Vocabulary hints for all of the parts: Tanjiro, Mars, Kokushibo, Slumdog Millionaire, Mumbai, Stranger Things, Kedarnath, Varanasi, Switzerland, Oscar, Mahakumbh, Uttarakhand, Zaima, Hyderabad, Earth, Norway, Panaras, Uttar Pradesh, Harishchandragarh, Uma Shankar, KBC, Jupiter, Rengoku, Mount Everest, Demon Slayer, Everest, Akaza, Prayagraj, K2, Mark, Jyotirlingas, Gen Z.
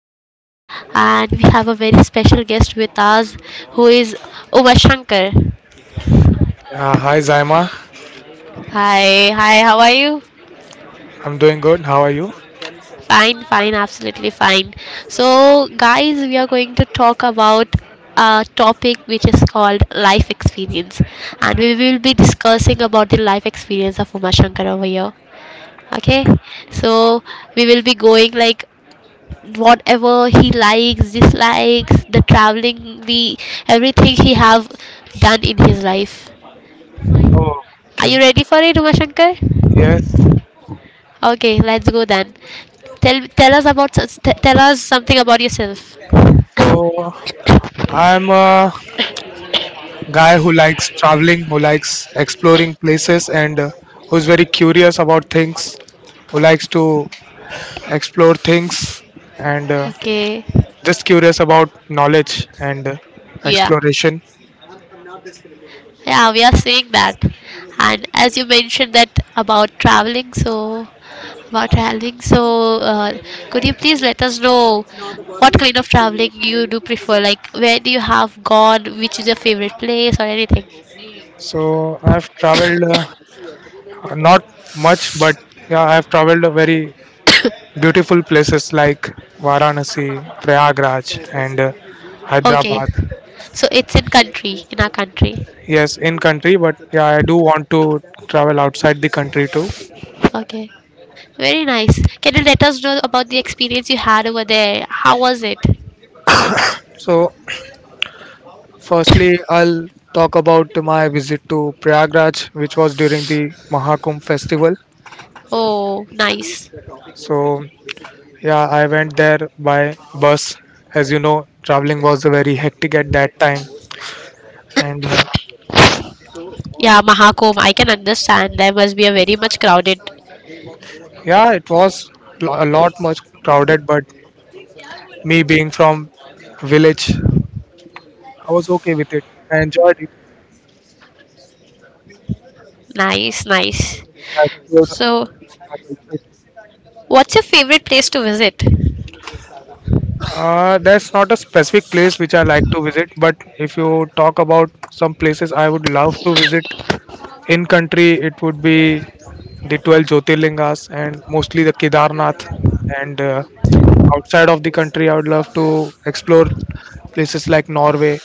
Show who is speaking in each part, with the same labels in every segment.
Speaker 1: podcast. And we have a very special guest with us who is Uma Shankar.
Speaker 2: Hi Zaima.
Speaker 1: Hi, hi, how are you?
Speaker 2: I'm doing good. How are you?
Speaker 1: Fine, fine, absolutely fine. So, guys, we are going to talk about a topic which is called life experience, and we will be discussing about the life experience of Uma Shankar over here. Okay, so we will be going like whatever he likes dislikes the traveling the everything he have done in his life are you
Speaker 2: Okay,
Speaker 1: ready for it umashankar okay let's go then tell us about tell us something about yourself
Speaker 2: I'm a guy who likes traveling, who likes exploring places, and who's very curious about things, who likes to explore things, and
Speaker 1: okay
Speaker 2: just curious about knowledge and
Speaker 1: yeah
Speaker 2: exploration.
Speaker 1: Yeah, we are seeing that. And as you mentioned that about traveling, so could you please let us know what kind of traveling you do prefer? Like, where do you have gone? Which is your favorite place or anything?
Speaker 2: So I've traveled not much, but yeah, I've traveled very beautiful places like Varanasi, Prayagraj, and
Speaker 1: Okay,
Speaker 2: Hyderabad.
Speaker 1: so it's in country, in our country.
Speaker 2: Yes, in country, but yeah, I do want to travel outside the country too.
Speaker 1: Okay, very nice. Can you let us know about the experience you had over there? How was it?
Speaker 2: So, firstly, I'll talk about my visit to Prayagraj, which was during the Mahakumbh festival.
Speaker 1: Oh, nice.
Speaker 2: So, yeah, I went there by bus. As you know, traveling was very hectic at that time, and
Speaker 1: Yeah, Mahakumbh, I can understand. There must be a very much crowded.
Speaker 2: yeah, it was a lot much crowded. But me being from village, I was okay with it. I enjoyed it.
Speaker 1: Nice, nice.
Speaker 2: I showed a lot
Speaker 1: So,
Speaker 2: of my culture.
Speaker 1: what's your favorite place to visit?
Speaker 2: That's not a specific place which I like to visit, but if you talk about some places I would love to visit in country, it would be the 12 Jyotirlingas and mostly the Kedarnath. And outside of the country, I would love to explore places like Norway,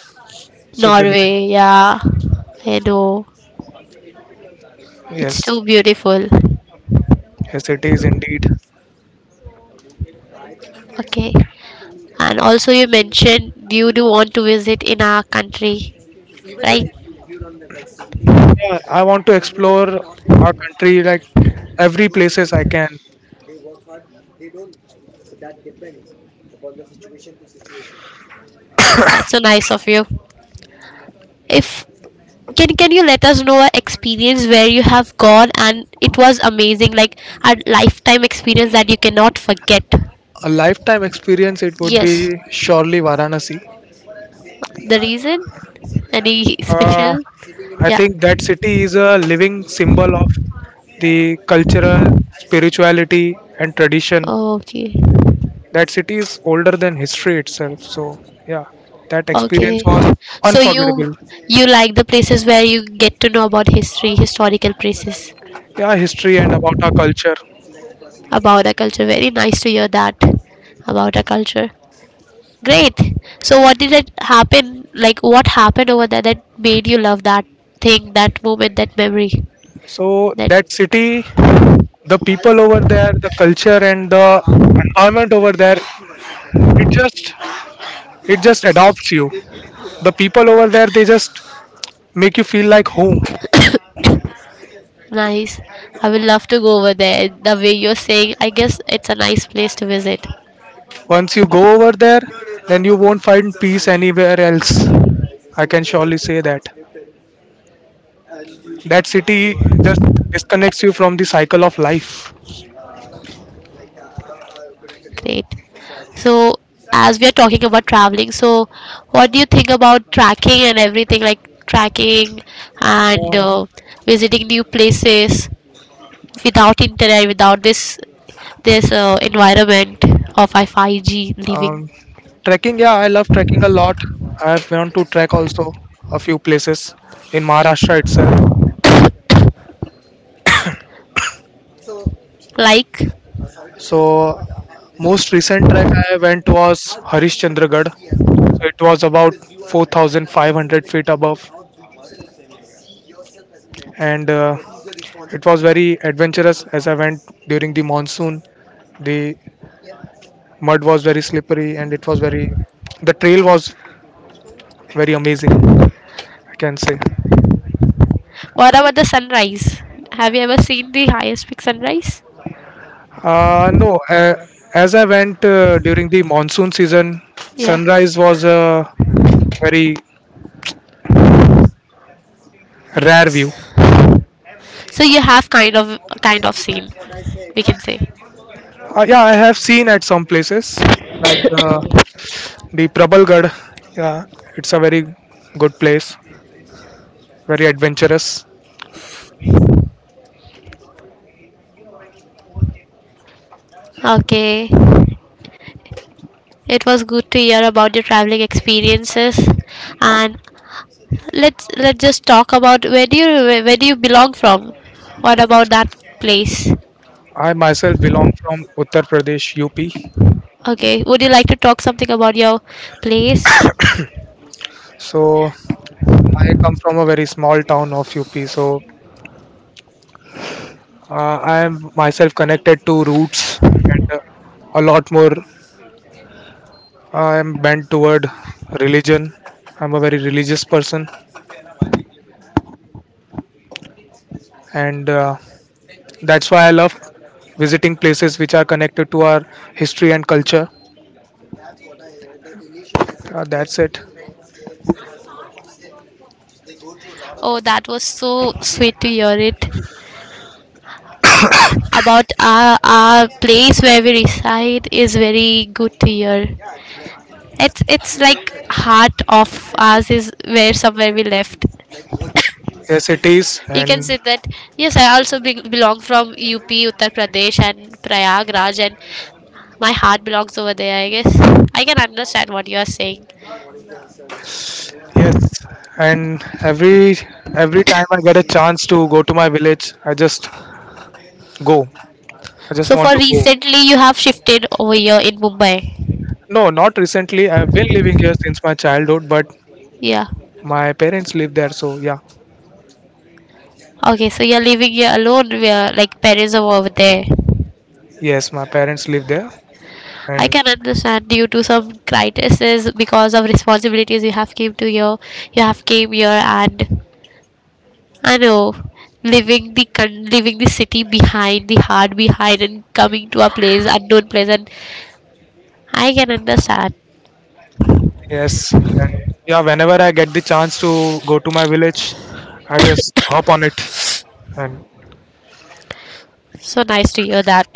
Speaker 2: Switzerland.
Speaker 1: Norway, yeah. I know. It's
Speaker 2: Yes,
Speaker 1: too beautiful.
Speaker 2: yes, it is indeed.
Speaker 1: Okay. And also, you mentioned you do want to visit in our country, right?
Speaker 2: Yeah, I want to explore our country like every places I can.
Speaker 1: That's so nice of you. If can you let us know an experience where you have gone and it was amazing, like a lifetime experience that you cannot forget?
Speaker 2: A lifetime experience, it would
Speaker 1: Yes.
Speaker 2: be surely Varanasi.
Speaker 1: The reason? Any
Speaker 2: Uh,
Speaker 1: special?
Speaker 2: I
Speaker 1: Yeah.
Speaker 2: think that city is a living symbol of the cultural spirituality and tradition.
Speaker 1: Okay.
Speaker 2: That city is older than history itself. So, yeah, that experience
Speaker 1: Okay.
Speaker 2: was
Speaker 1: So you
Speaker 2: unforgettable.
Speaker 1: you like the places where you get to know about history, historical places,
Speaker 2: Yeah, history and about our culture.
Speaker 1: about our culture. Very nice to hear that about our culture. Great. So what did it happen? Like what happened over there that made you love that thing, that moment, that memory?
Speaker 2: So,
Speaker 1: That
Speaker 2: that city, the people over there, the culture and the environment over there, it just it just adopts you. The people over there, they just make you feel like home.
Speaker 1: nice. I would love to go over there. The way you're saying, I guess it's a nice place to visit.
Speaker 2: Once you go over there, then you won't find peace anywhere else. I can surely say that. That city just disconnects you from the cycle of life.
Speaker 1: Great. So, as we are talking about traveling, so what do you think about tracking and everything like tracking and
Speaker 2: Uh,
Speaker 1: visiting new places without internet, without this environment of I 5G living?
Speaker 2: um, Trekking, yeah, I love trekking a lot. I've gone to trek also a few places in Maharashtra itself.
Speaker 1: Like,
Speaker 2: So, most recent trek I went was Harishchandragarh. So it was about 4,500 feet above, and it was very adventurous as I went during the monsoon. The mud was very slippery and the trail was very amazing, I can say.
Speaker 1: what about the sunrise? Have you ever seen the highest peak sunrise?
Speaker 2: No. As I went during the monsoon season,
Speaker 1: Yeah.
Speaker 2: sunrise was a very rare view.
Speaker 1: So you have kind of seen, we can say.
Speaker 2: Yeah, I have seen at some places like the Prabalgarh. Yeah, it's a very good place, very adventurous.
Speaker 1: Okay. It was good to hear about your traveling experiences, and let's just talk about where do you belong from? What about that place?
Speaker 2: I myself belong from Uttar Pradesh, UP.
Speaker 1: Okay, would you like to talk something about your place?
Speaker 2: So I come from a very small town of UP, so I am myself connected to roots and a lot more. I am bent toward religion. I'm a very religious person, and that's why I love visiting places which are connected to our history and culture. That's it.
Speaker 1: Oh, that was so sweet to hear it. About our place where we reside is very good to hear. It's like heart of ours is where somewhere we left.
Speaker 2: Yes, it is,
Speaker 1: You can
Speaker 2: and
Speaker 1: say that yes I also belong from up uttar pradesh and prayagraj and my heart belongs over there I guess I can understand what you are saying
Speaker 2: yes, and every time I get a chance to go to my village, I just go. I just
Speaker 1: so for
Speaker 2: want to go.
Speaker 1: recently you have shifted over here in mumbai
Speaker 2: No, not recently. I've been living here since my childhood, but
Speaker 1: yeah
Speaker 2: my parents live there. So yeah,
Speaker 1: okay so you're living here alone where like parents are over there
Speaker 2: yes, my parents live there,
Speaker 1: I
Speaker 2: and
Speaker 1: can understand due to some crises because of responsibilities you have came to here you have came here and I know, leaving the leaving the city behind, the heart behind, and coming to a place unknown place, and I can understand.
Speaker 2: yes, and yeah. Whenever I get the chance to go to my village, I just hop on it. And
Speaker 1: So nice to hear that.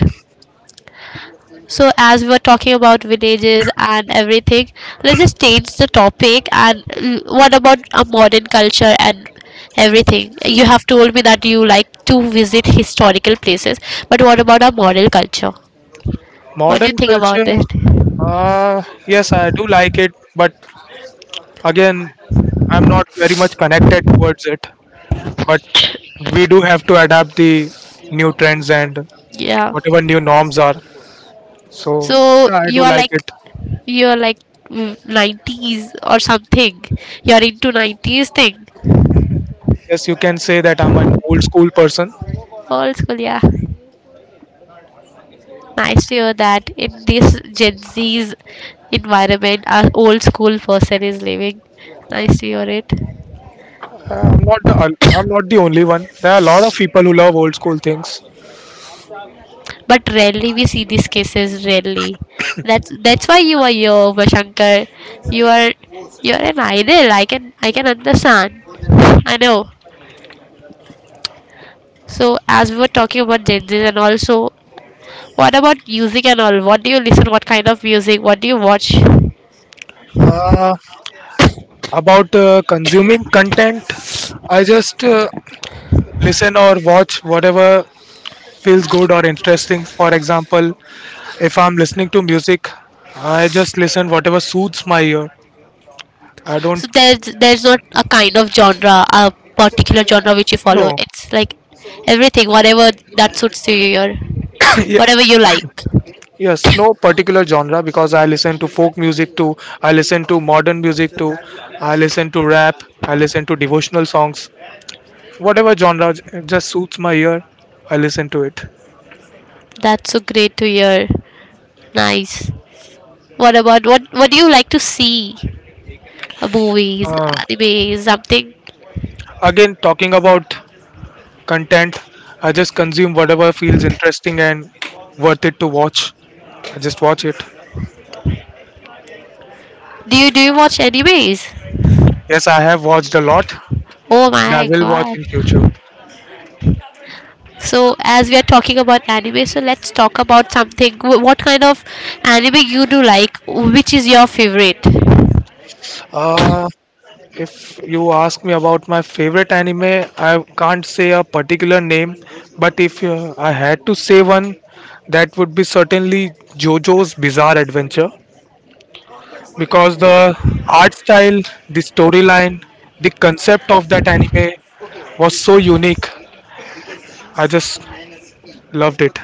Speaker 1: So as we were talking about villages and everything, let's just change the topic. And what about a modern culture and everything? You have told me that you like to visit historical places, but what about our modern culture? What do you
Speaker 2: modern
Speaker 1: think about
Speaker 2: culture,
Speaker 1: it?
Speaker 2: uh, yes, I do like it, but again, I'm not very much connected towards it. But we do have to adapt the new trends and
Speaker 1: Yeah.
Speaker 2: whatever new norms are. So
Speaker 1: So
Speaker 2: yeah, I
Speaker 1: you
Speaker 2: do
Speaker 1: are
Speaker 2: like
Speaker 1: like
Speaker 2: it.
Speaker 1: you're like 90s or something. You're into 90s thing.
Speaker 2: Yes, you can say that I'm an old school person.
Speaker 1: Old school, yeah. Nice to hear that in this Gen Z's environment, our old school person is living. Nice to hear it.
Speaker 2: Uh, I'm not the I'm not the only one. There are a lot of people who love old school things.
Speaker 1: But rarely we see these cases. Rarely. That's why you are here, Vashankar. You are you're an idol. I can understand. I know. So as we were talking about Gen Zs and also what about music and all? What do you listen? What kind of music? What do you watch?
Speaker 2: Uh, about consuming content, I just listen or watch whatever feels good or interesting. For example, if I'm listening to music, I just listen whatever suits my ear. I don't
Speaker 1: So there's not a kind of genre, a particular genre which you follow.
Speaker 2: know.
Speaker 1: It's like everything, whatever that suits to your,
Speaker 2: yes,
Speaker 1: whatever you like.
Speaker 2: Yes, no particular genre because I listen to folk music too, I listen to modern music too, I listen to rap, I listen to devotional songs. Whatever genre just suits my ear, I listen to it.
Speaker 1: That's so great to hear. Nice. What about what? What do you like to see? Movies,
Speaker 2: Uh,
Speaker 1: anime, something.
Speaker 2: Again, talking about content, I just consume whatever feels interesting and worth it to watch. I just watch it.
Speaker 1: Do you watch animes?
Speaker 2: Yes, I have watched a lot
Speaker 1: Oh
Speaker 2: and I
Speaker 1: my
Speaker 2: will watch
Speaker 1: god.
Speaker 2: in future.
Speaker 1: So, as we are talking about anime, so let's talk about something. What kind of anime you do like? Which is your favorite?
Speaker 2: Uh, If you ask me about my favorite anime, I can't say a particular name, but if I had to say one, that would be certainly JoJo's Bizarre Adventure because the art style, the storyline, the concept of that anime was so unique. I just loved it.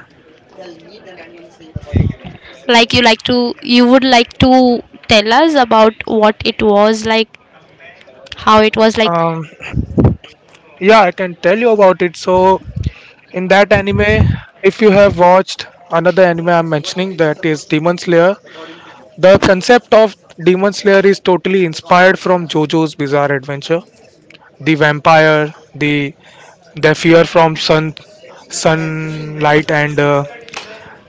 Speaker 1: Like you like to, you would like to tell us about what it was like, how it was like.
Speaker 2: Um, yeah, I can tell you about it. So, in that anime, if you have watched another anime I'm mentioning, that is Demon Slayer. The concept of Demon Slayer is totally inspired from JoJo's Bizarre Adventure. The vampire, their fear from sun, sunlight, and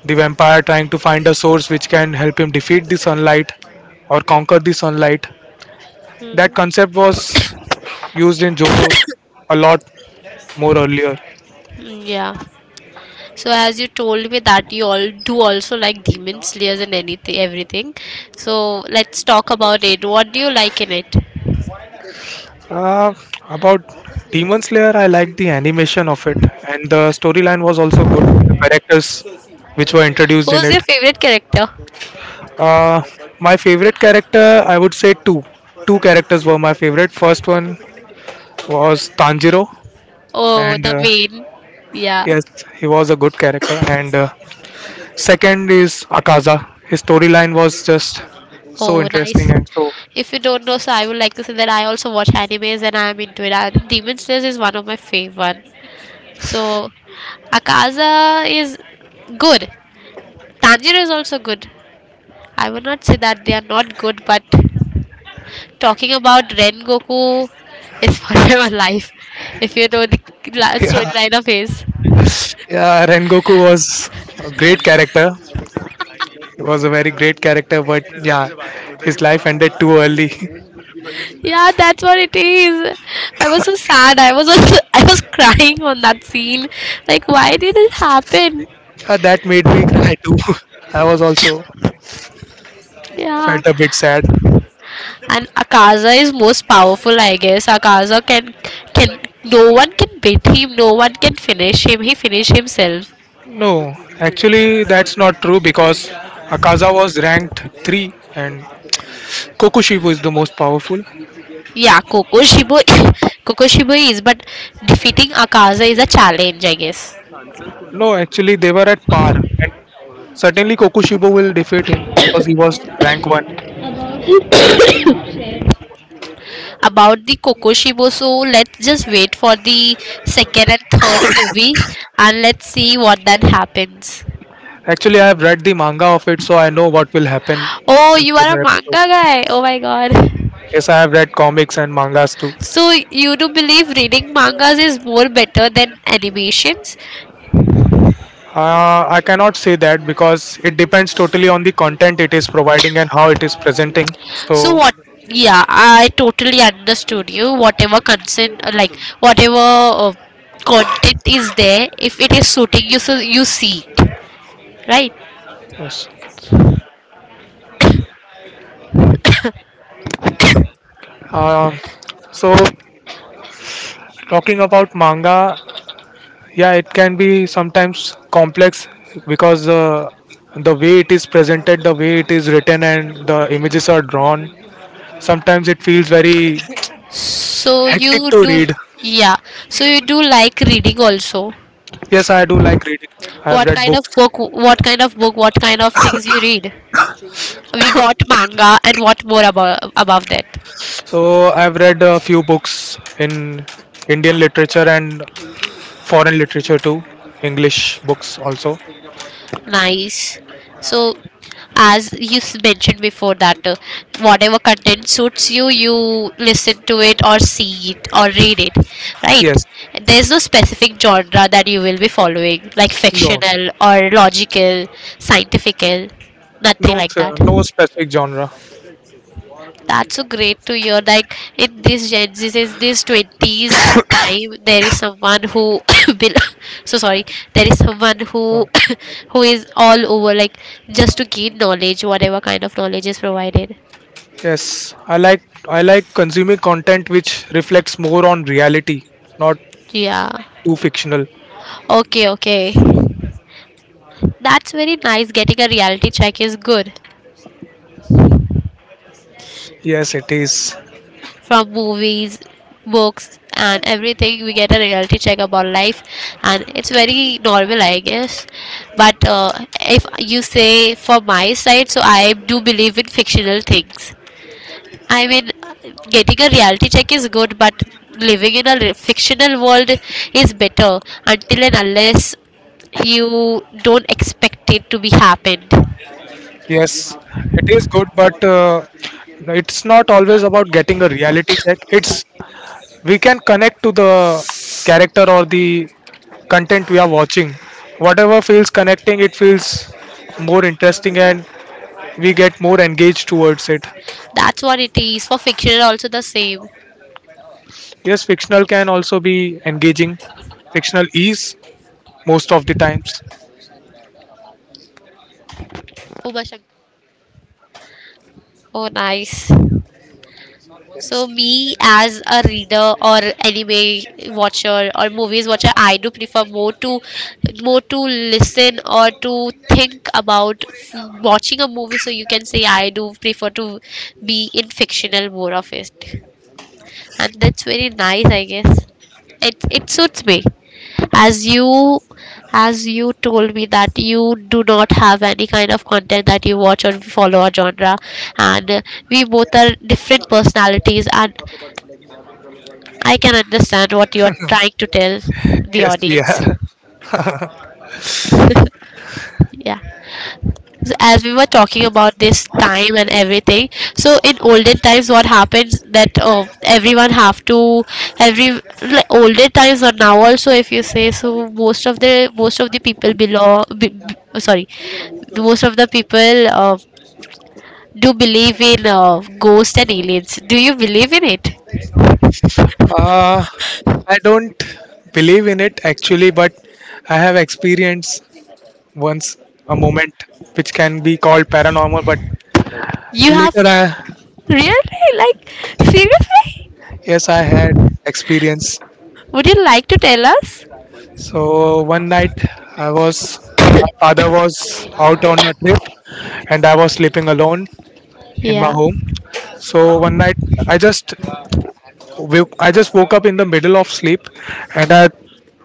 Speaker 2: the vampire trying to find a source which can help him defeat the sunlight or conquer the sunlight. That concept was used in JoJo's a lot more earlier.
Speaker 1: Mm, yeah. So as you told me that you all do also like demon slayers and anything, everything. So let's talk about it. What do you like in it?
Speaker 2: Uh, about Demon Slayer, I liked the animation of it, and the storyline was also good. The characters which were introduced in
Speaker 1: Who's
Speaker 2: it.
Speaker 1: your favorite character?
Speaker 2: Uh, my favorite character, I would say two. Two characters were my favorite. First one was Tanjiro,
Speaker 1: Oh,
Speaker 2: and
Speaker 1: the main. Yeah.
Speaker 2: yes, he was a good character. And second is Akaza. His storyline was just so
Speaker 1: Oh, nice.
Speaker 2: interesting and so.
Speaker 1: If you don't know, so I would like to say that I also watch animes and I'm into it. And Demon Slayer is one of my favorite. So, Akaza is good. Tanjiro is also good. I would not say that they are not good, but talking about Rengoku is forever life. If you know the last
Speaker 2: Yeah,
Speaker 1: storyline of his.
Speaker 2: yeah. Rengoku was a great character. He was a very great character, but yeah, his life ended too early.
Speaker 1: Yeah, that's what it is. I was so sad. I was I was crying on that scene. Like, why did it happen?
Speaker 2: That made me cry too. I was also
Speaker 1: Yeah.
Speaker 2: felt a bit sad.
Speaker 1: And Akaza is most powerful, I guess. Akaza can no one can beat him, no one can finish him. He finished himself.
Speaker 2: No, actually that's not true because Akaza was ranked 3 and Kokushibo is the most powerful.
Speaker 1: Yeah, Kokoshibo Kokoshibo is, but defeating Akaza is a challenge, I guess.
Speaker 2: No, actually they were at par and certainly Kokushibo will defeat him because he was rank 1.
Speaker 1: About the Kokoshibo, so let's just wait for the second and third movie and let's see what that happens.
Speaker 2: Actually I have read the manga of it so I know what will happen
Speaker 1: Oh,
Speaker 2: in
Speaker 1: you are a
Speaker 2: further
Speaker 1: manga
Speaker 2: episodes.
Speaker 1: guy. Oh my god.
Speaker 2: Yes, I have read comics and mangas too.
Speaker 1: So you do believe reading mangas is more better than animations?
Speaker 2: I cannot say that because it depends totally on the content it is providing and how it is presenting.
Speaker 1: So
Speaker 2: So,
Speaker 1: what? Yeah, I totally understood you. Whatever consent, like whatever content is there, if it is suiting you, so you see it, right?
Speaker 2: yes. Uh, so Talking about manga, yeah, it can be sometimes complex because the way it is presented, the way it is written, and the images are drawn, sometimes it feels very
Speaker 1: So
Speaker 2: hectic
Speaker 1: you
Speaker 2: to
Speaker 1: do,
Speaker 2: read.
Speaker 1: yeah. So you do like reading also.
Speaker 2: Yes, I do like reading. I have
Speaker 1: What
Speaker 2: read
Speaker 1: kind of
Speaker 2: books.
Speaker 1: book? What kind of book? What kind of things you read? We got manga, and what more about above that?
Speaker 2: So, I've read a few books in Indian literature and foreign literature too, English books also.
Speaker 1: Nice. So, as you mentioned before, that whatever content suits you, you listen to it or see it or read it, right?
Speaker 2: Yes,
Speaker 1: There's no specific genre that you will be following, like
Speaker 2: no, no,
Speaker 1: fictional or logical, scientifical, nothing
Speaker 2: no,
Speaker 1: like
Speaker 2: sir,
Speaker 1: that.
Speaker 2: no specific genre.
Speaker 1: That's so great to hear. Like in this Gen Z, says this twenties time, there is someone who bel- so sorry. There is someone who who is all over, like just to gain knowledge, whatever kind of knowledge is provided.
Speaker 2: Yes, I like consuming content which reflects more on reality, not
Speaker 1: Yeah.
Speaker 2: too fictional.
Speaker 1: Okay. Okay. That's very nice. Getting a reality check is good.
Speaker 2: Yes, it is.
Speaker 1: From movies, books, and everything, we get a reality check about life, and it's very normal, I guess. But if you say for my side, so I do believe in fictional things. I mean, getting a reality check is good, but living in a fictional world is better until and unless you don't expect it to be happened.
Speaker 2: Yes, it is good, but no, it's not always about getting a reality check. It's We can connect to the character or the content we are watching. Whatever feels connecting, it feels more interesting, and we get more engaged towards it.
Speaker 1: That's what it is. For fiction, also the same.
Speaker 2: Yes, fictional can also be engaging. Fictional is most of the times.
Speaker 1: Uma Shankar. Oh, nice. So me as a reader or anime watcher or movies watcher, I do prefer more to listen or to think about watching a movie. So you can say I do prefer to be in fictional more of it, and that's very nice, I guess. It suits me as you told me that you do not have any kind of content that you watch or follow a genre and we both are different personalities and I can understand what you are trying to tell the
Speaker 2: Yes, we
Speaker 1: audience.
Speaker 2: are.
Speaker 1: Yeah. So as we were talking about this time and everything, so in olden times, what happens that everyone have to every like olden times or now also, if you say so, most of the people below, oh, sorry, most of the people do believe in ghosts and aliens. Do you believe in it?
Speaker 2: Uh, I don't believe in it actually, but I have experienced once a moment which can be called paranormal, but
Speaker 1: You have
Speaker 2: later, I.
Speaker 1: really like seriously?
Speaker 2: Yes, I had experience.
Speaker 1: Would you like to tell us?
Speaker 2: So one night, I was my father was out on a trip, and I was sleeping alone in my
Speaker 1: Yeah.
Speaker 2: home. So one night, I just I just woke up in the middle of sleep and I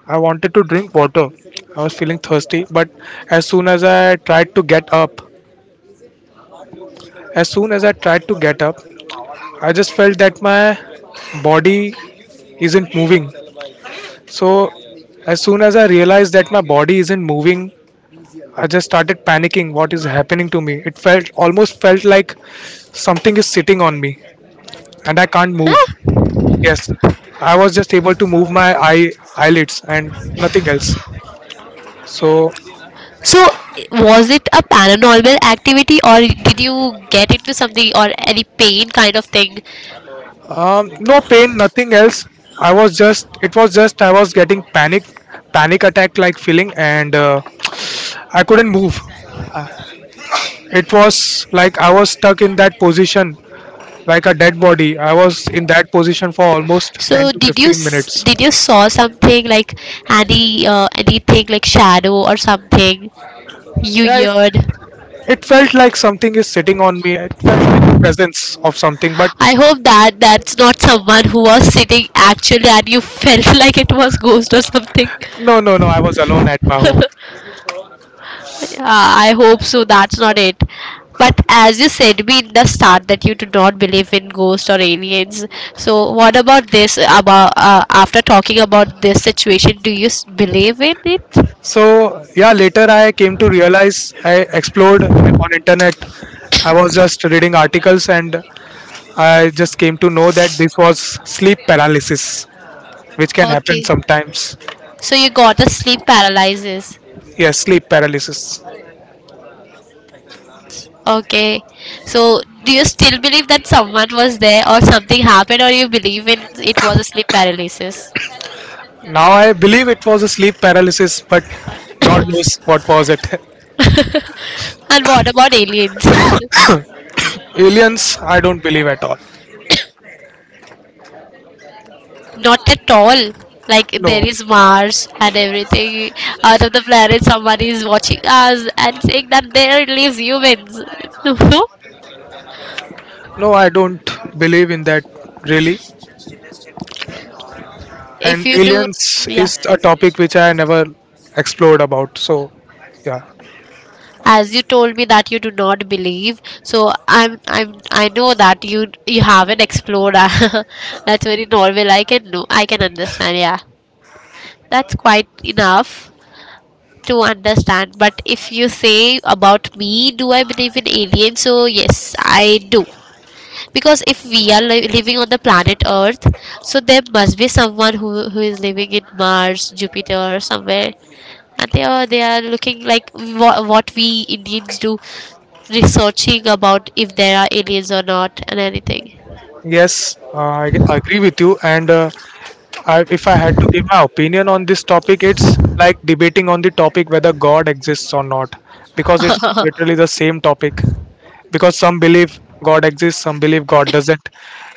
Speaker 2: I wanted to drink water. I was feeling thirsty, but as soon as I tried to get up, as soon as I tried to get up, I just felt that my body isn't moving. So as soon as I realized that my body isn't moving, I just started panicking what is happening to me. It felt almost felt like something is sitting on me and I can't move. Yes, I was just able to move my eyelids and nothing else. So
Speaker 1: So, was it a paranormal activity or did you get into something or any pain kind of thing?
Speaker 2: no pain, nothing else. I was just it was just I was getting panic attack like feeling and I couldn't move. It was like I was stuck in that position like a dead body. I was in that position for almost 10
Speaker 1: So,
Speaker 2: to
Speaker 1: did you
Speaker 2: 15 minutes.
Speaker 1: did you saw something like any anything like shadow or something you
Speaker 2: Yeah, it,
Speaker 1: heard?
Speaker 2: it felt like something is sitting on me. It felt like a presence of something, but
Speaker 1: I hope that that's not someone who was sitting actually and you felt like it was ghost or something.
Speaker 2: no, no, no. I was alone at my home.
Speaker 1: I hope so. That's not it. But as you said me in the start that you do not believe in ghosts or aliens. So what about this? About after talking about this situation, do you believe in it?
Speaker 2: So yeah, later I came to realize. I explored on internet, I was just reading articles, and I just came to know that this was sleep paralysis, which can happen
Speaker 1: Okay.
Speaker 2: sometimes.
Speaker 1: So you got a sleep paralysis.
Speaker 2: Yes, sleep paralysis.
Speaker 1: Okay. So do you still believe that someone was there or something happened, or you believe in it was a sleep paralysis?
Speaker 2: Now I believe it was a sleep paralysis, but god knows what was it.
Speaker 1: And what about aliens?
Speaker 2: Aliens I don't believe at all.
Speaker 1: Not at all. Like there
Speaker 2: No,
Speaker 1: is Mars and everything out of the planet. Somebody is watching us and saying that there lives humans.
Speaker 2: no, I don't believe in that, really.
Speaker 1: If
Speaker 2: And
Speaker 1: you do,
Speaker 2: aliens
Speaker 1: yeah.
Speaker 2: is a topic which I never explored about, so yeah.
Speaker 1: As you told me that you do not believe, so I'm I know that you haven't explored. That's very normal. I can know. I can understand. Yeah, that's quite enough to understand. But if you say about me, do I believe in aliens? So, yes, I do. Because if we are living on the planet Earth, so there must be someone who is living in Mars, Jupiter, or somewhere. And they are looking like what we Indians do, researching about if there are aliens or not, and anything.
Speaker 2: Yes, I agree with you. And if I had to give my opinion on this topic, it's like debating on the topic whether God exists or not, because it's literally the same topic. Because some believe God exists, some believe God doesn't,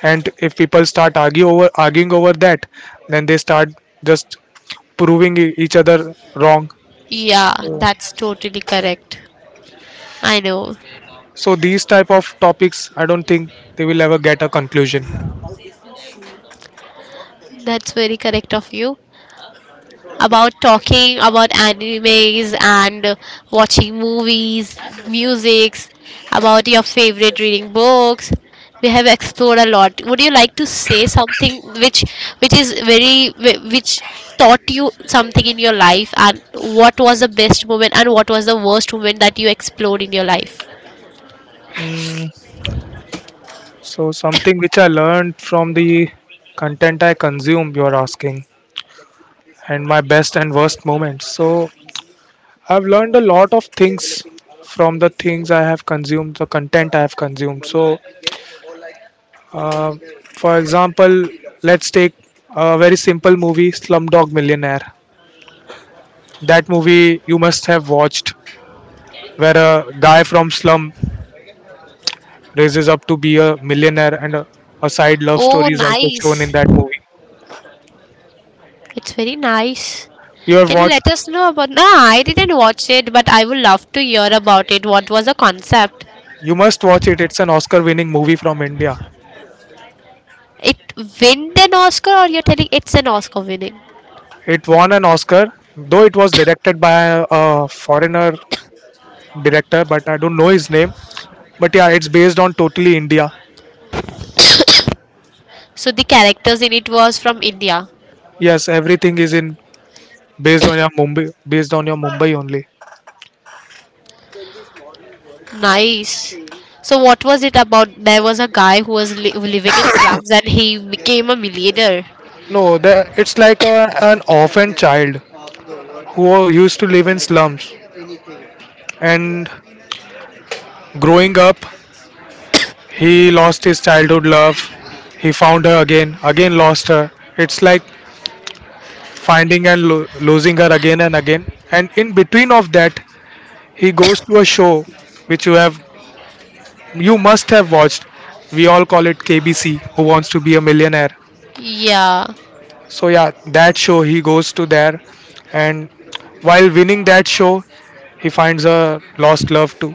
Speaker 2: and if people start argue over arguing over that, then they start just proving each other wrong.
Speaker 1: Yeah, that's totally correct. I know.
Speaker 2: So these type of topics, I don't think they will ever get a conclusion.
Speaker 1: That's very correct of you. About talking about animes and watching movies, musics, about your favorite reading books. We have explored a lot. Would you like to say something which which taught you something in your life, and what was the best moment and what was the worst moment that you explored in your life?
Speaker 2: So something which I learned from the content I consume, you're asking, and my best and worst moments. So I've learned a lot of things from the things I have consumed, the content I have consumed. So, uh, for example, let's take a very simple movie, Slumdog Millionaire. That movie you must have watched, where a guy from slum raises up to be a millionaire, and a side love
Speaker 1: Oh,
Speaker 2: story is also shown in
Speaker 1: nice.
Speaker 2: that movie.
Speaker 1: It's very nice.
Speaker 2: You have
Speaker 1: Can you
Speaker 2: watched
Speaker 1: let us know about? No, I didn't watch it, but I would love to hear about it. What was the concept?
Speaker 2: You must watch it. It's an Oscar winning movie from India.
Speaker 1: It win an Oscar, or you're telling it's an Oscar winning?
Speaker 2: It won an Oscar, though it was directed by a foreigner director, but I don't know his name. But yeah, it's based on totally India.
Speaker 1: So the characters in it was from India.
Speaker 2: Yes, everything is in based on your Mumbai, only.
Speaker 1: Nice. So what was it about? There was a guy who was living in slums and he became a millionaire.
Speaker 2: No, it's like an orphan child who used to live in slums, and growing up, he lost his childhood love. He found her again, again lost her. It's like finding and losing her again and again, and in between of that he goes to a show which you must have watched. We all call it KBC, Who Wants to Be a Millionaire.
Speaker 1: Yeah.
Speaker 2: So yeah, that show, he goes to there, and while winning that show, he finds a lost love too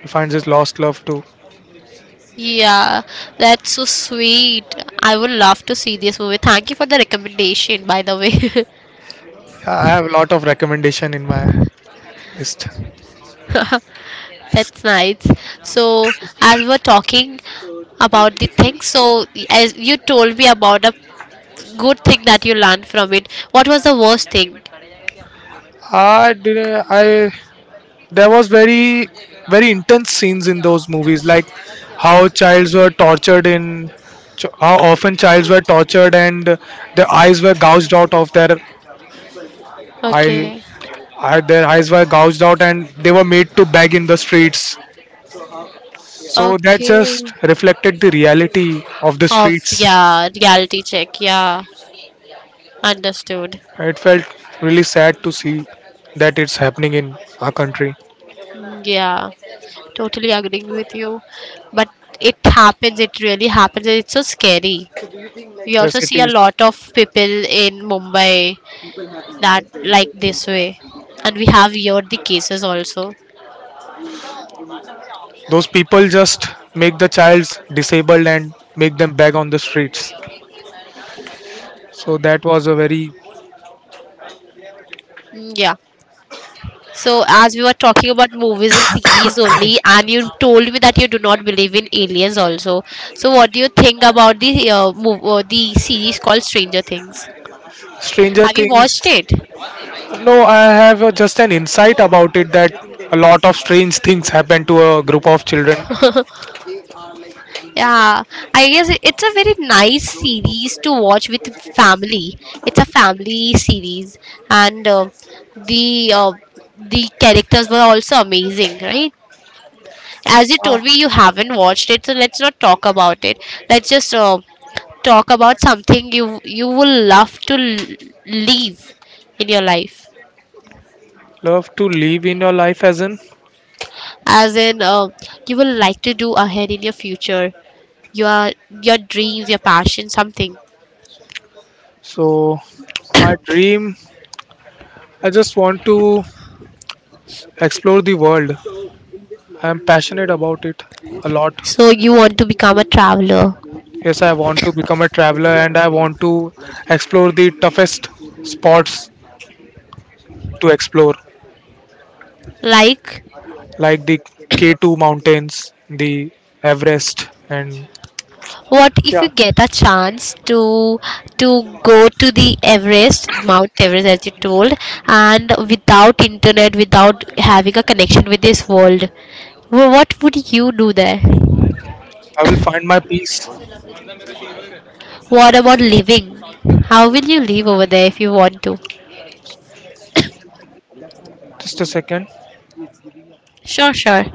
Speaker 2: he finds his lost love too.
Speaker 1: Yeah. That's so sweet. I would love to see this movie. Thank you for the recommendation, by the way.
Speaker 2: Yeah, I have a lot of recommendation in my list.
Speaker 1: That's nice. So, as we were talking about the things, so as you told me about a good thing that you learned from it, what was the worst thing?
Speaker 2: I did I There was very very intense scenes in those movies, like how childs were tortured in ch- how often childs were tortured and their eyes were gouged out of their eye
Speaker 1: Okay.
Speaker 2: eye- their eyes were gouged out and they were made to beg in the streets, so that
Speaker 1: Okay.
Speaker 2: just reflected the reality of the
Speaker 1: Of
Speaker 2: streets.
Speaker 1: yeah, reality check. Yeah, understood.
Speaker 2: It felt really sad to see that it's happening in our country.
Speaker 1: Mm, yeah, totally agreeing with you. But it happens. It really happens. And it's so scary. We
Speaker 2: Yes
Speaker 1: also
Speaker 2: it
Speaker 1: see a
Speaker 2: is.
Speaker 1: lot of people in Mumbai that like this way, and we have here the cases also.
Speaker 2: Those people just make the child disabled and make them beg on the streets. So that was a very
Speaker 1: Mm, yeah. So as we were talking about movies and series only, and you told me that you do not believe in aliens also, so what do you think about the the series called Stranger Things?
Speaker 2: Stranger
Speaker 1: Have you
Speaker 2: Things.
Speaker 1: watched it?
Speaker 2: No, I have just an insight about it that a lot of strange things happen to a group of children.
Speaker 1: Yeah, I guess it's a very nice series to watch with family. It's a family series. And the uh, the characters were also amazing, right? As you told me, you haven't watched it, so let's not talk about it. Let's just talk about something you will love to leave in your life,
Speaker 2: Love to live in your life as in.
Speaker 1: as in you will like to do ahead in your future, your your dreams, your passion, something.
Speaker 2: So my dream, I just want to explore the world. I'm passionate about it a lot.
Speaker 1: So you want to become a traveler,
Speaker 2: Yes, I want to become a traveler, and I want to explore the toughest spots to explore.
Speaker 1: like
Speaker 2: Like the K2 mountains, the Everest, and
Speaker 1: what if
Speaker 2: yeah,
Speaker 1: you get a chance to go to the Everest, Mount Everest, as you told, and without internet, without having a connection with this world? What would you do there?
Speaker 2: I will find my peace.
Speaker 1: What about living? How will you live over there if you want to?
Speaker 2: Just a second.
Speaker 1: Sure, sure.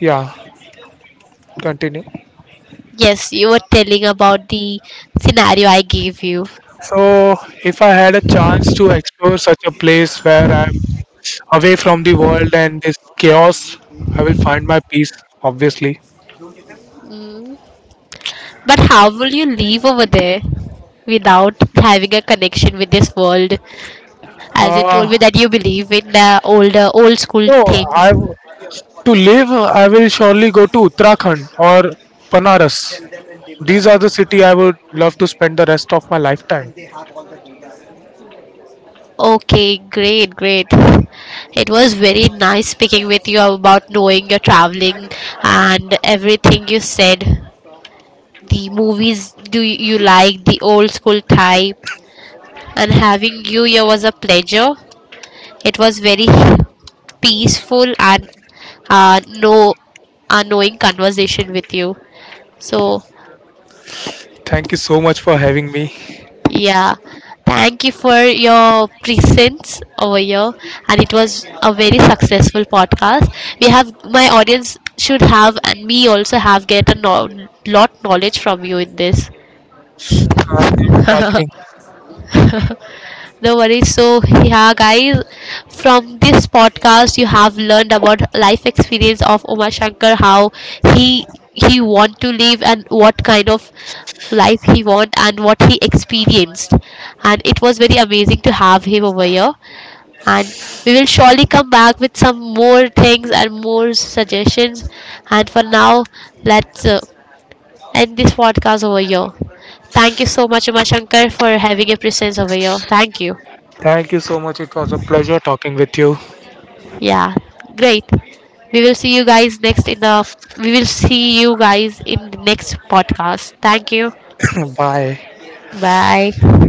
Speaker 2: Yeah, continue.
Speaker 1: Yes, you were telling about the scenario I gave you.
Speaker 2: So, if I had a chance to explore such a place where I'm away from the world and this chaos, I will find my peace, obviously.
Speaker 1: But how will you live over there without having a connection with this world? As you told me
Speaker 2: Uh,
Speaker 1: that you believe in the older old school
Speaker 2: no, I
Speaker 1: things.
Speaker 2: w- to live, I will surely go to Uttarakhand or Panaras. These are the city I would love to spend the rest of my lifetime.
Speaker 1: Okay, great, great. It was very nice speaking with you about knowing your traveling and everything you said, the movies, do you like the old school type, and having you here was a pleasure. It was very peaceful and no annoying conversation with you, so
Speaker 2: Thank you so much for having me.
Speaker 1: yeah, thank you for your presence over here, and it was a very successful podcast. We have my audience should have, and me also have get a lot knowledge from you in this.
Speaker 2: And flattering.
Speaker 1: No worries. So yeah, guys, from this podcast, you have learned about life experience of Uma Shankar, how he he want to live and what kind of life he want and what he experienced, and it was very amazing to have him over here, and we will surely come back with some more things and more suggestions. And for now, let's end this podcast over here. Thank you so much, Umashankar, for having a presence over here. Thank you.
Speaker 2: Thank you so much. It was a pleasure talking with you.
Speaker 1: Yeah, great. We will see you guys next in the. We will see you guys in the next podcast. Thank you.
Speaker 2: Bye.
Speaker 1: Bye.